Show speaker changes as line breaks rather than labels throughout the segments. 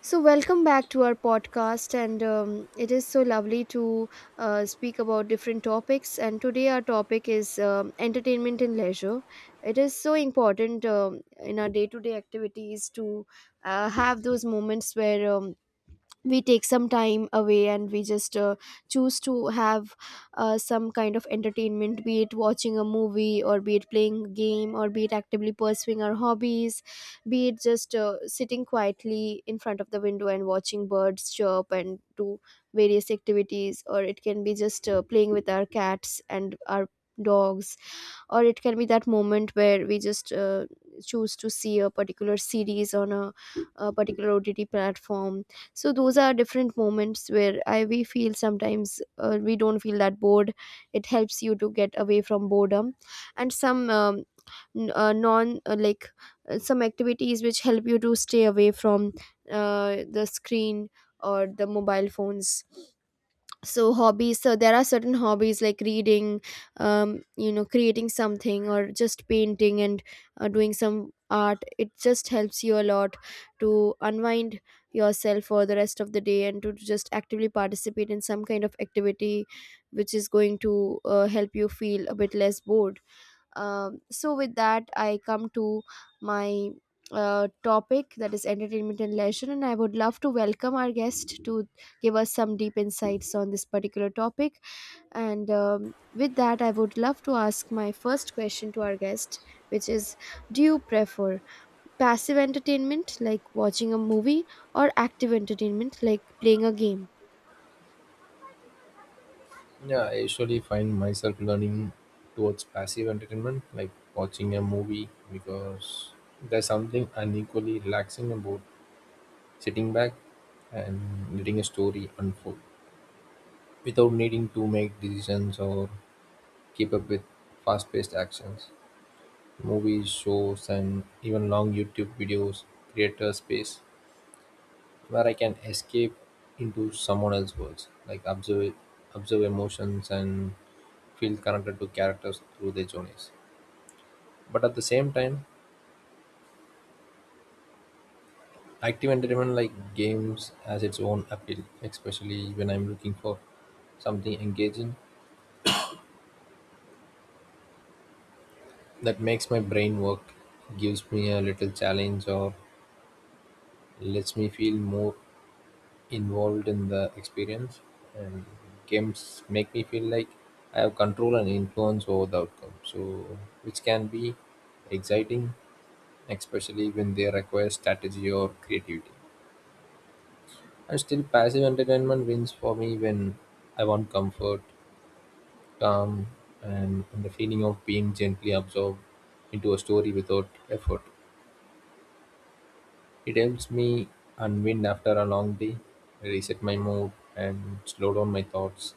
Welcome back to our podcast, and it is so lovely to speak about different topics. And today, our topic is entertainment and leisure. It is so important in our day to day activities to have those moments where we take some time away and we just choose to have some kind of entertainment, be it watching a movie or be it playing a game or be it actively pursuing our hobbies, be it just sitting quietly in front of the window and watching birds chirp and do various activities, or it can be just playing with our cats and our dogs, or it can be that moment where we just choose to see a particular series on a particular OTT platform. So those are different moments where I we feel sometimes we don't feel that bored. It helps you to get away from boredom, and some n- non like some activities which help you to stay away from the screen or the mobile phones. So hobbies, so there are certain hobbies like reading, you know, creating something or just painting and doing some art, it just helps you a lot to unwind yourself for the rest of the day and to just actively participate in some kind of activity which is going to help you feel a bit less bored. So with that, I come to my topic, that is entertainment and leisure, and I would love to welcome our guest to give us some deep insights on this particular topic. And with that, I would love to ask my first question to our guest, which is, do you prefer passive entertainment like watching a movie or active entertainment like playing a game?
Yeah, I usually find myself learning towards passive entertainment, like watching a movie, because there's something unequally relaxing about sitting back and letting a story unfold without needing to make decisions or keep up with fast paced actions. Movies, shows, and even long YouTube videos create a space where I can escape into someone else's worlds, like observe emotions and feel connected to characters through their journeys. But at the same time, active entertainment like games has its own appeal, especially when I'm looking for something engaging that makes my brain work, gives me a little challenge, or lets me feel more involved in the experience. And games make me feel like I have control and influence over the outcome, so which can be exciting, especially when they require strategy or creativity. And still, passive entertainment wins for me when I want comfort, calm, and the feeling of being gently absorbed into a story without effort. It helps me unwind after a long day, reset my mood, and slow down my thoughts.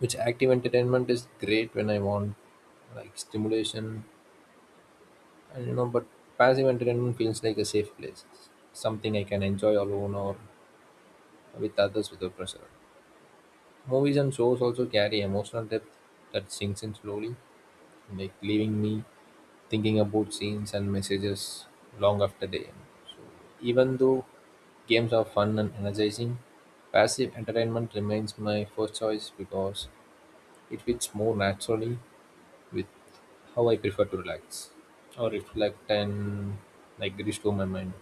Which active entertainment is great when I want like stimulation, but passive entertainment feels like a safe place, something I can enjoy alone or with others without pressure. Movies and shows also carry emotional depth that sinks in slowly, like leaving me thinking about scenes and messages long after they end. So even though games are fun and energizing, passive entertainment remains my first choice because it fits more naturally with how I prefer to relax or reflect and like restore my mind.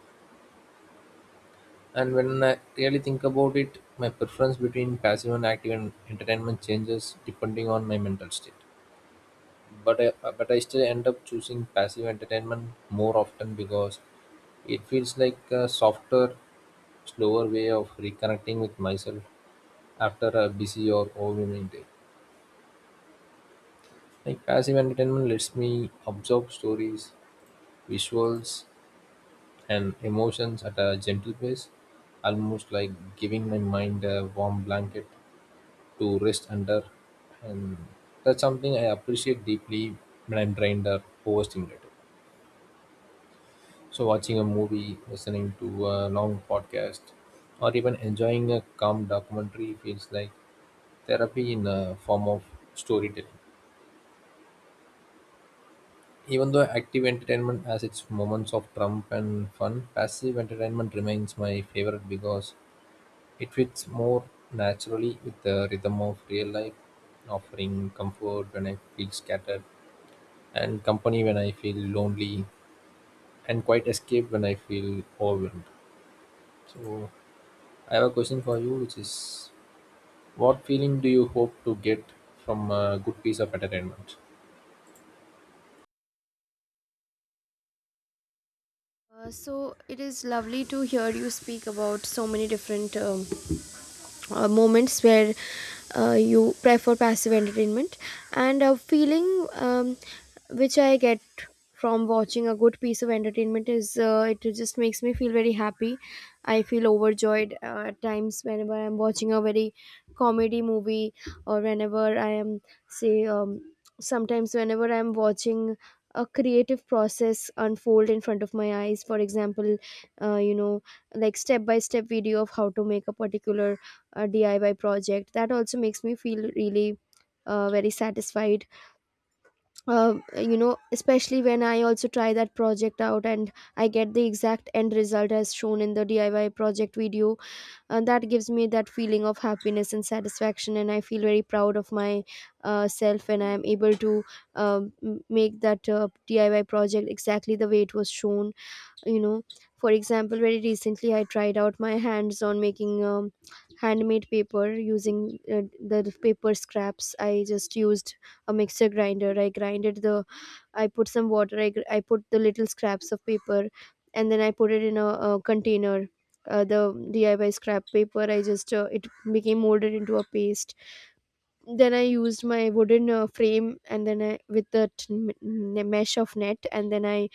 And when I really think about it, my preference between passive and entertainment changes depending on my mental state. But I but I still end up choosing passive entertainment more often because it feels like a softer, slower way of reconnecting with myself after a busy or overwhelming day. Like passive entertainment lets me absorb stories, visuals, and emotions at a gentle pace, almost like giving my mind a warm blanket to rest under. And that's something I appreciate deeply when I'm drained or overstimulated. So, watching a movie, listening to a long podcast, or even enjoying a calm documentary feels like therapy in a form of storytelling. Even though active entertainment has its moments of trump and fun, passive entertainment remains my favorite because it fits more naturally with the rhythm of real life, offering comfort when I feel scattered, and company when I feel lonely, and quite escape when I feel overwhelmed. So, I have a question for you, which is, what feeling do you hope to get from a good piece of entertainment?
So it is lovely to hear you speak about so many different moments where you prefer passive entertainment. And a feeling which I get from watching a good piece of entertainment is, it just makes me feel very happy. I feel overjoyed at times whenever I'm watching a very comedy movie, or whenever I am, say, sometimes whenever I'm watching a creative process unfold in front of my eyes. For example, you know, like step by step video of how to make a particular DIY project, that also makes me feel really very satisfied, you know, especially when I also try that project out and I get the exact end result as shown in the DIY project video. And that gives me that feeling of happiness and satisfaction, and I feel very proud of my self when I am able to make that DIY project exactly the way it was shown, you know. For example, very recently I tried out my hands on making handmade paper using the paper scraps. I just used a mixer grinder, I grinded the, I put some water, I put the little scraps of paper, and then I put it in a container. The DIY scrap paper, I just it became molded into a paste. Then I used my wooden frame, and then I, with the mesh of net, and then I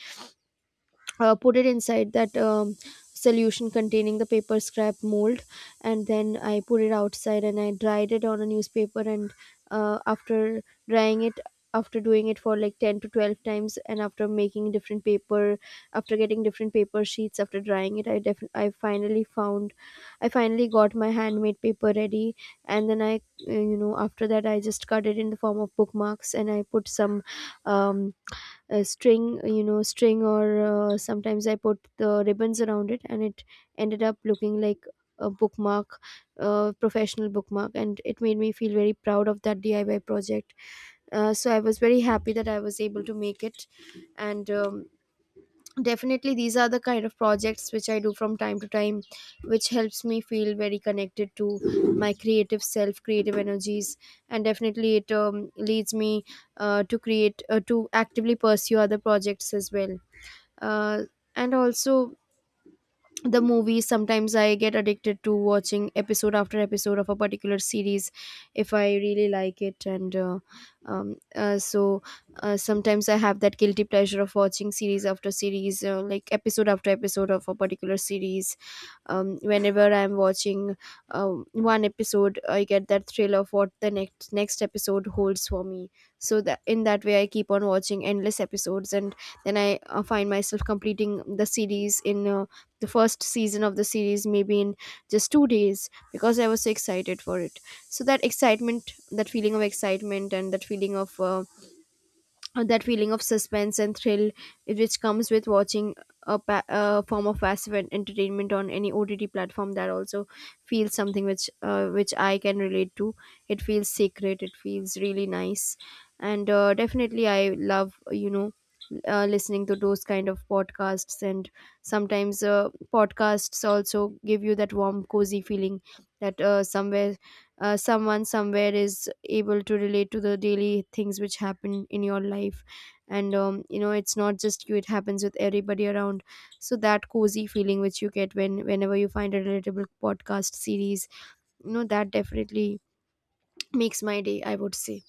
put it inside that solution containing the paper scrap mold. And then I put it outside and I dried it on a newspaper, and after drying it, after doing it for like 10 to 12 times, and after making different paper, after getting different paper sheets, after drying it, I finally found, I finally got my handmade paper ready. And then I, you know, after that I just cut it in the form of bookmarks, and I put some um a string, you know, string, or sometimes I put the ribbons around it, and it ended up looking like a bookmark, a professional bookmark. And it made me feel very proud of that DIY project. So I was very happy that I was able to make it. And definitely, these are the kind of projects which I do from time to time, which helps me feel very connected to my creative self, creative energies. And definitely it leads me to actively pursue other projects as well. uh, and also the movies, sometimes I get addicted to watching episode after episode of a particular series if I really like it. And um, uh, so sometimes I have that guilty pleasure of watching series after series, like episode after episode of a particular series. Whenever I'm watching one episode, I get that thrill of what the next next episode holds for me. So that, in that way, I keep on watching endless episodes, and then I find myself completing the series in the first season of the series maybe in just 2 days, because I was so excited for it. So that excitement, that feeling of excitement, and that feeling of suspense and thrill which comes with watching a form of passive entertainment on any OTT platform, that also feels something which I can relate to. It feels sacred, it feels really nice. And definitely I love, you know, listening to those kind of podcasts. And sometimes podcasts also give you that warm cozy feeling that somewhere someone somewhere is able to relate to the daily things which happen in your life. And you know, it's not just you, it happens with everybody around. So that cozy feeling which you get when whenever you find a relatable podcast series, you know, that definitely makes my day, I would say.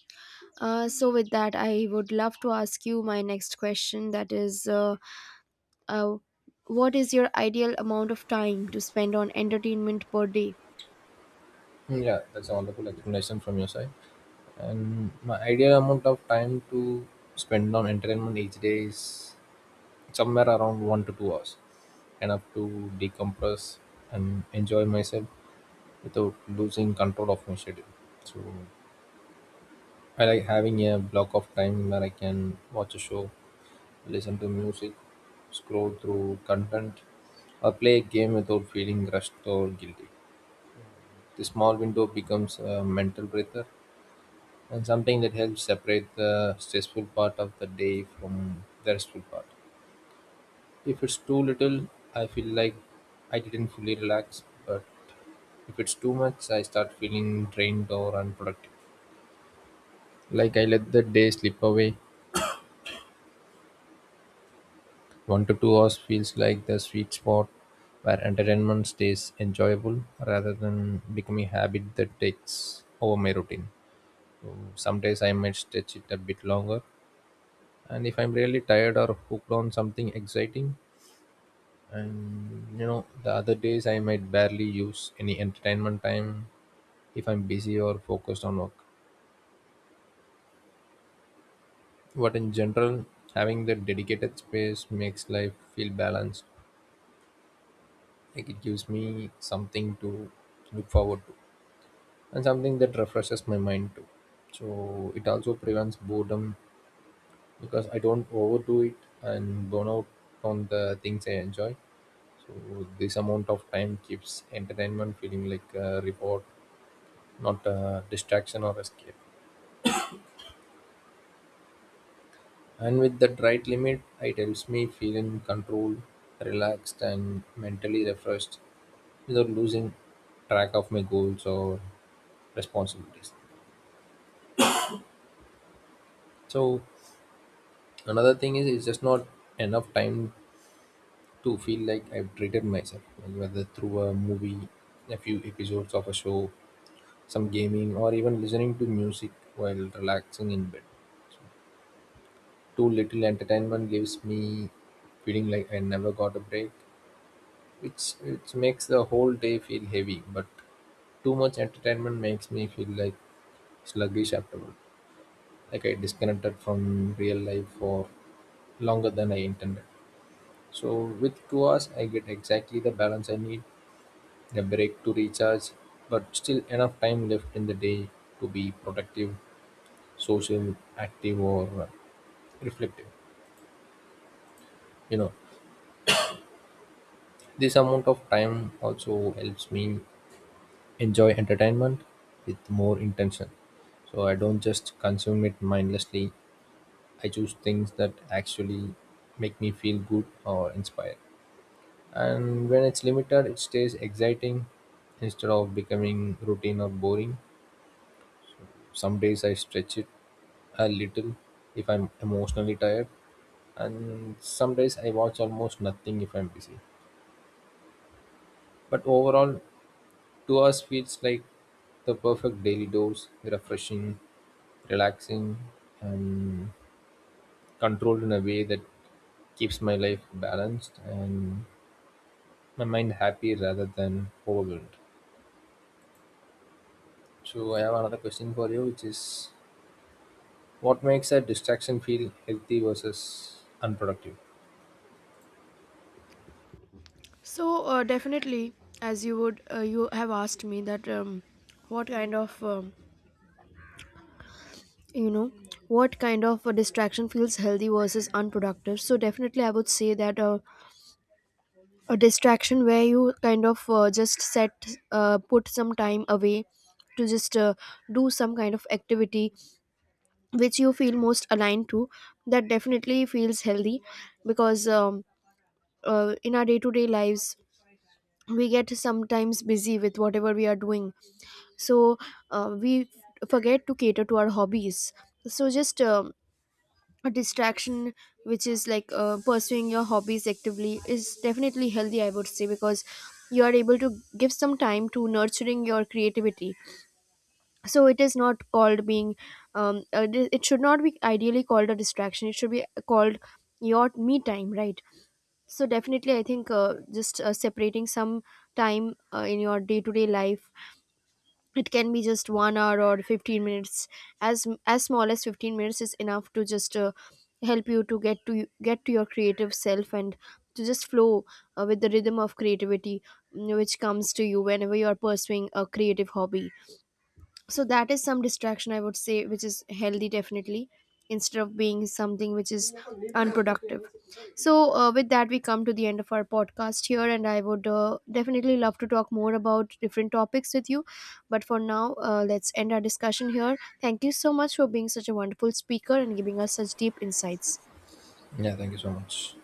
So with that, I would love to ask you my next question, that is, uh, what is your ideal amount of time to spend on entertainment per day?
Hmm. Yeah, that's a wonderful explanation from your side. And my ideal amount of time to spend on entertainment each day is somewhere around 1 to 2 hours, enough to decompress and enjoy myself without losing control of my schedule. So I like having a block of time where I can watch a show, listen to music, scroll through content, or play a game without feeling rushed or guilty. The small window becomes a mental breather and something that helps separate the stressful part of the day from the restful part. If it's too little, I feel like I didn't fully relax, but if it's too much, I start feeling drained or unproductive. Like I let the day slip away. 1 to 2 hours feels like the sweet spot where entertainment stays enjoyable rather than becoming a habit that takes over my routine. So some days I might stretch it a bit longer, and if I'm really tired or hooked on something exciting, the other days I might barely use any entertainment time if I'm busy or focused on work. But in general, having that dedicated space makes life feel balanced. Like it gives me something to look forward to, and something that refreshes my mind too. So it also prevents boredom because I don't overdo it and burn out on the things I enjoy. So this amount of time keeps entertainment feeling like a reward, not a distraction or escape. And with that right limit, it helps me feel in control, relaxed, and mentally refreshed without losing track of my goals or responsibilities. So another thing is it's just not enough time to feel like I've treated myself, like whether through a movie, a few episodes of a show, some gaming, or even listening to music while relaxing in bed. Too little entertainment gives me feeling like I never got a break, which makes the whole day feel heavy. But too much entertainment makes me feel like sluggish afterward, like I disconnected from real life for longer than I intended. So with 2 hours, I get exactly the balance I need. They break to recharge, but still enough time left in the day to be productive, social, active, or reflective. You know, this amount of time also helps me enjoy entertainment with more intention. So I don't just consume it mindlessly. I choose things that actually make me feel good or inspired. And when it's limited, it stays exciting instead of becoming routine or boring. Some days I stretch it a little if I'm emotionally tired, and some days I watch almost nothing if I'm busy. But overall, 2 hours feels like the perfect daily dose, refreshing, relaxing, and controlled in a way that keeps my life balanced and my mind happy rather than overwhelmed. So I have another question for you, which is, what makes a distraction feel healthy versus unproductive?
So definitely, as you would, you have asked me that, what kind of, you know, what kind of a distraction feels healthy versus unproductive. So definitely, I would say that a distraction where you kind of just set put some time away to just do some kind of activity which you feel most aligned to, that definitely feels healthy. Because in our day-to-day lives, we get sometimes busy with whatever we are doing, so we forget to cater to our hobbies. So just a distraction which is like pursuing your hobbies actively is definitely healthy, I would say, because you are able to give some time to nurturing your creativity. So it is not called being it should not be ideally called a distraction, it should be called your me time, right? So definitely I think, just separating some time in your day to day life, it can be just 1 hour or 15 minutes. as as small as 15 minutes is enough to just help you to get to get to your creative self and to just flow with the rhythm of creativity, which comes to you whenever you are pursuing a creative hobby. So that is some distraction, I would say, which is healthy, definitely, instead of being something which is unproductive. So with that, we come to the end of our podcast here, and I would definitely love to talk more about different topics with you, but for now, let's end our discussion here. Thank you so much for being such a wonderful speaker and giving us such deep insights.
Yeah, thank you so much.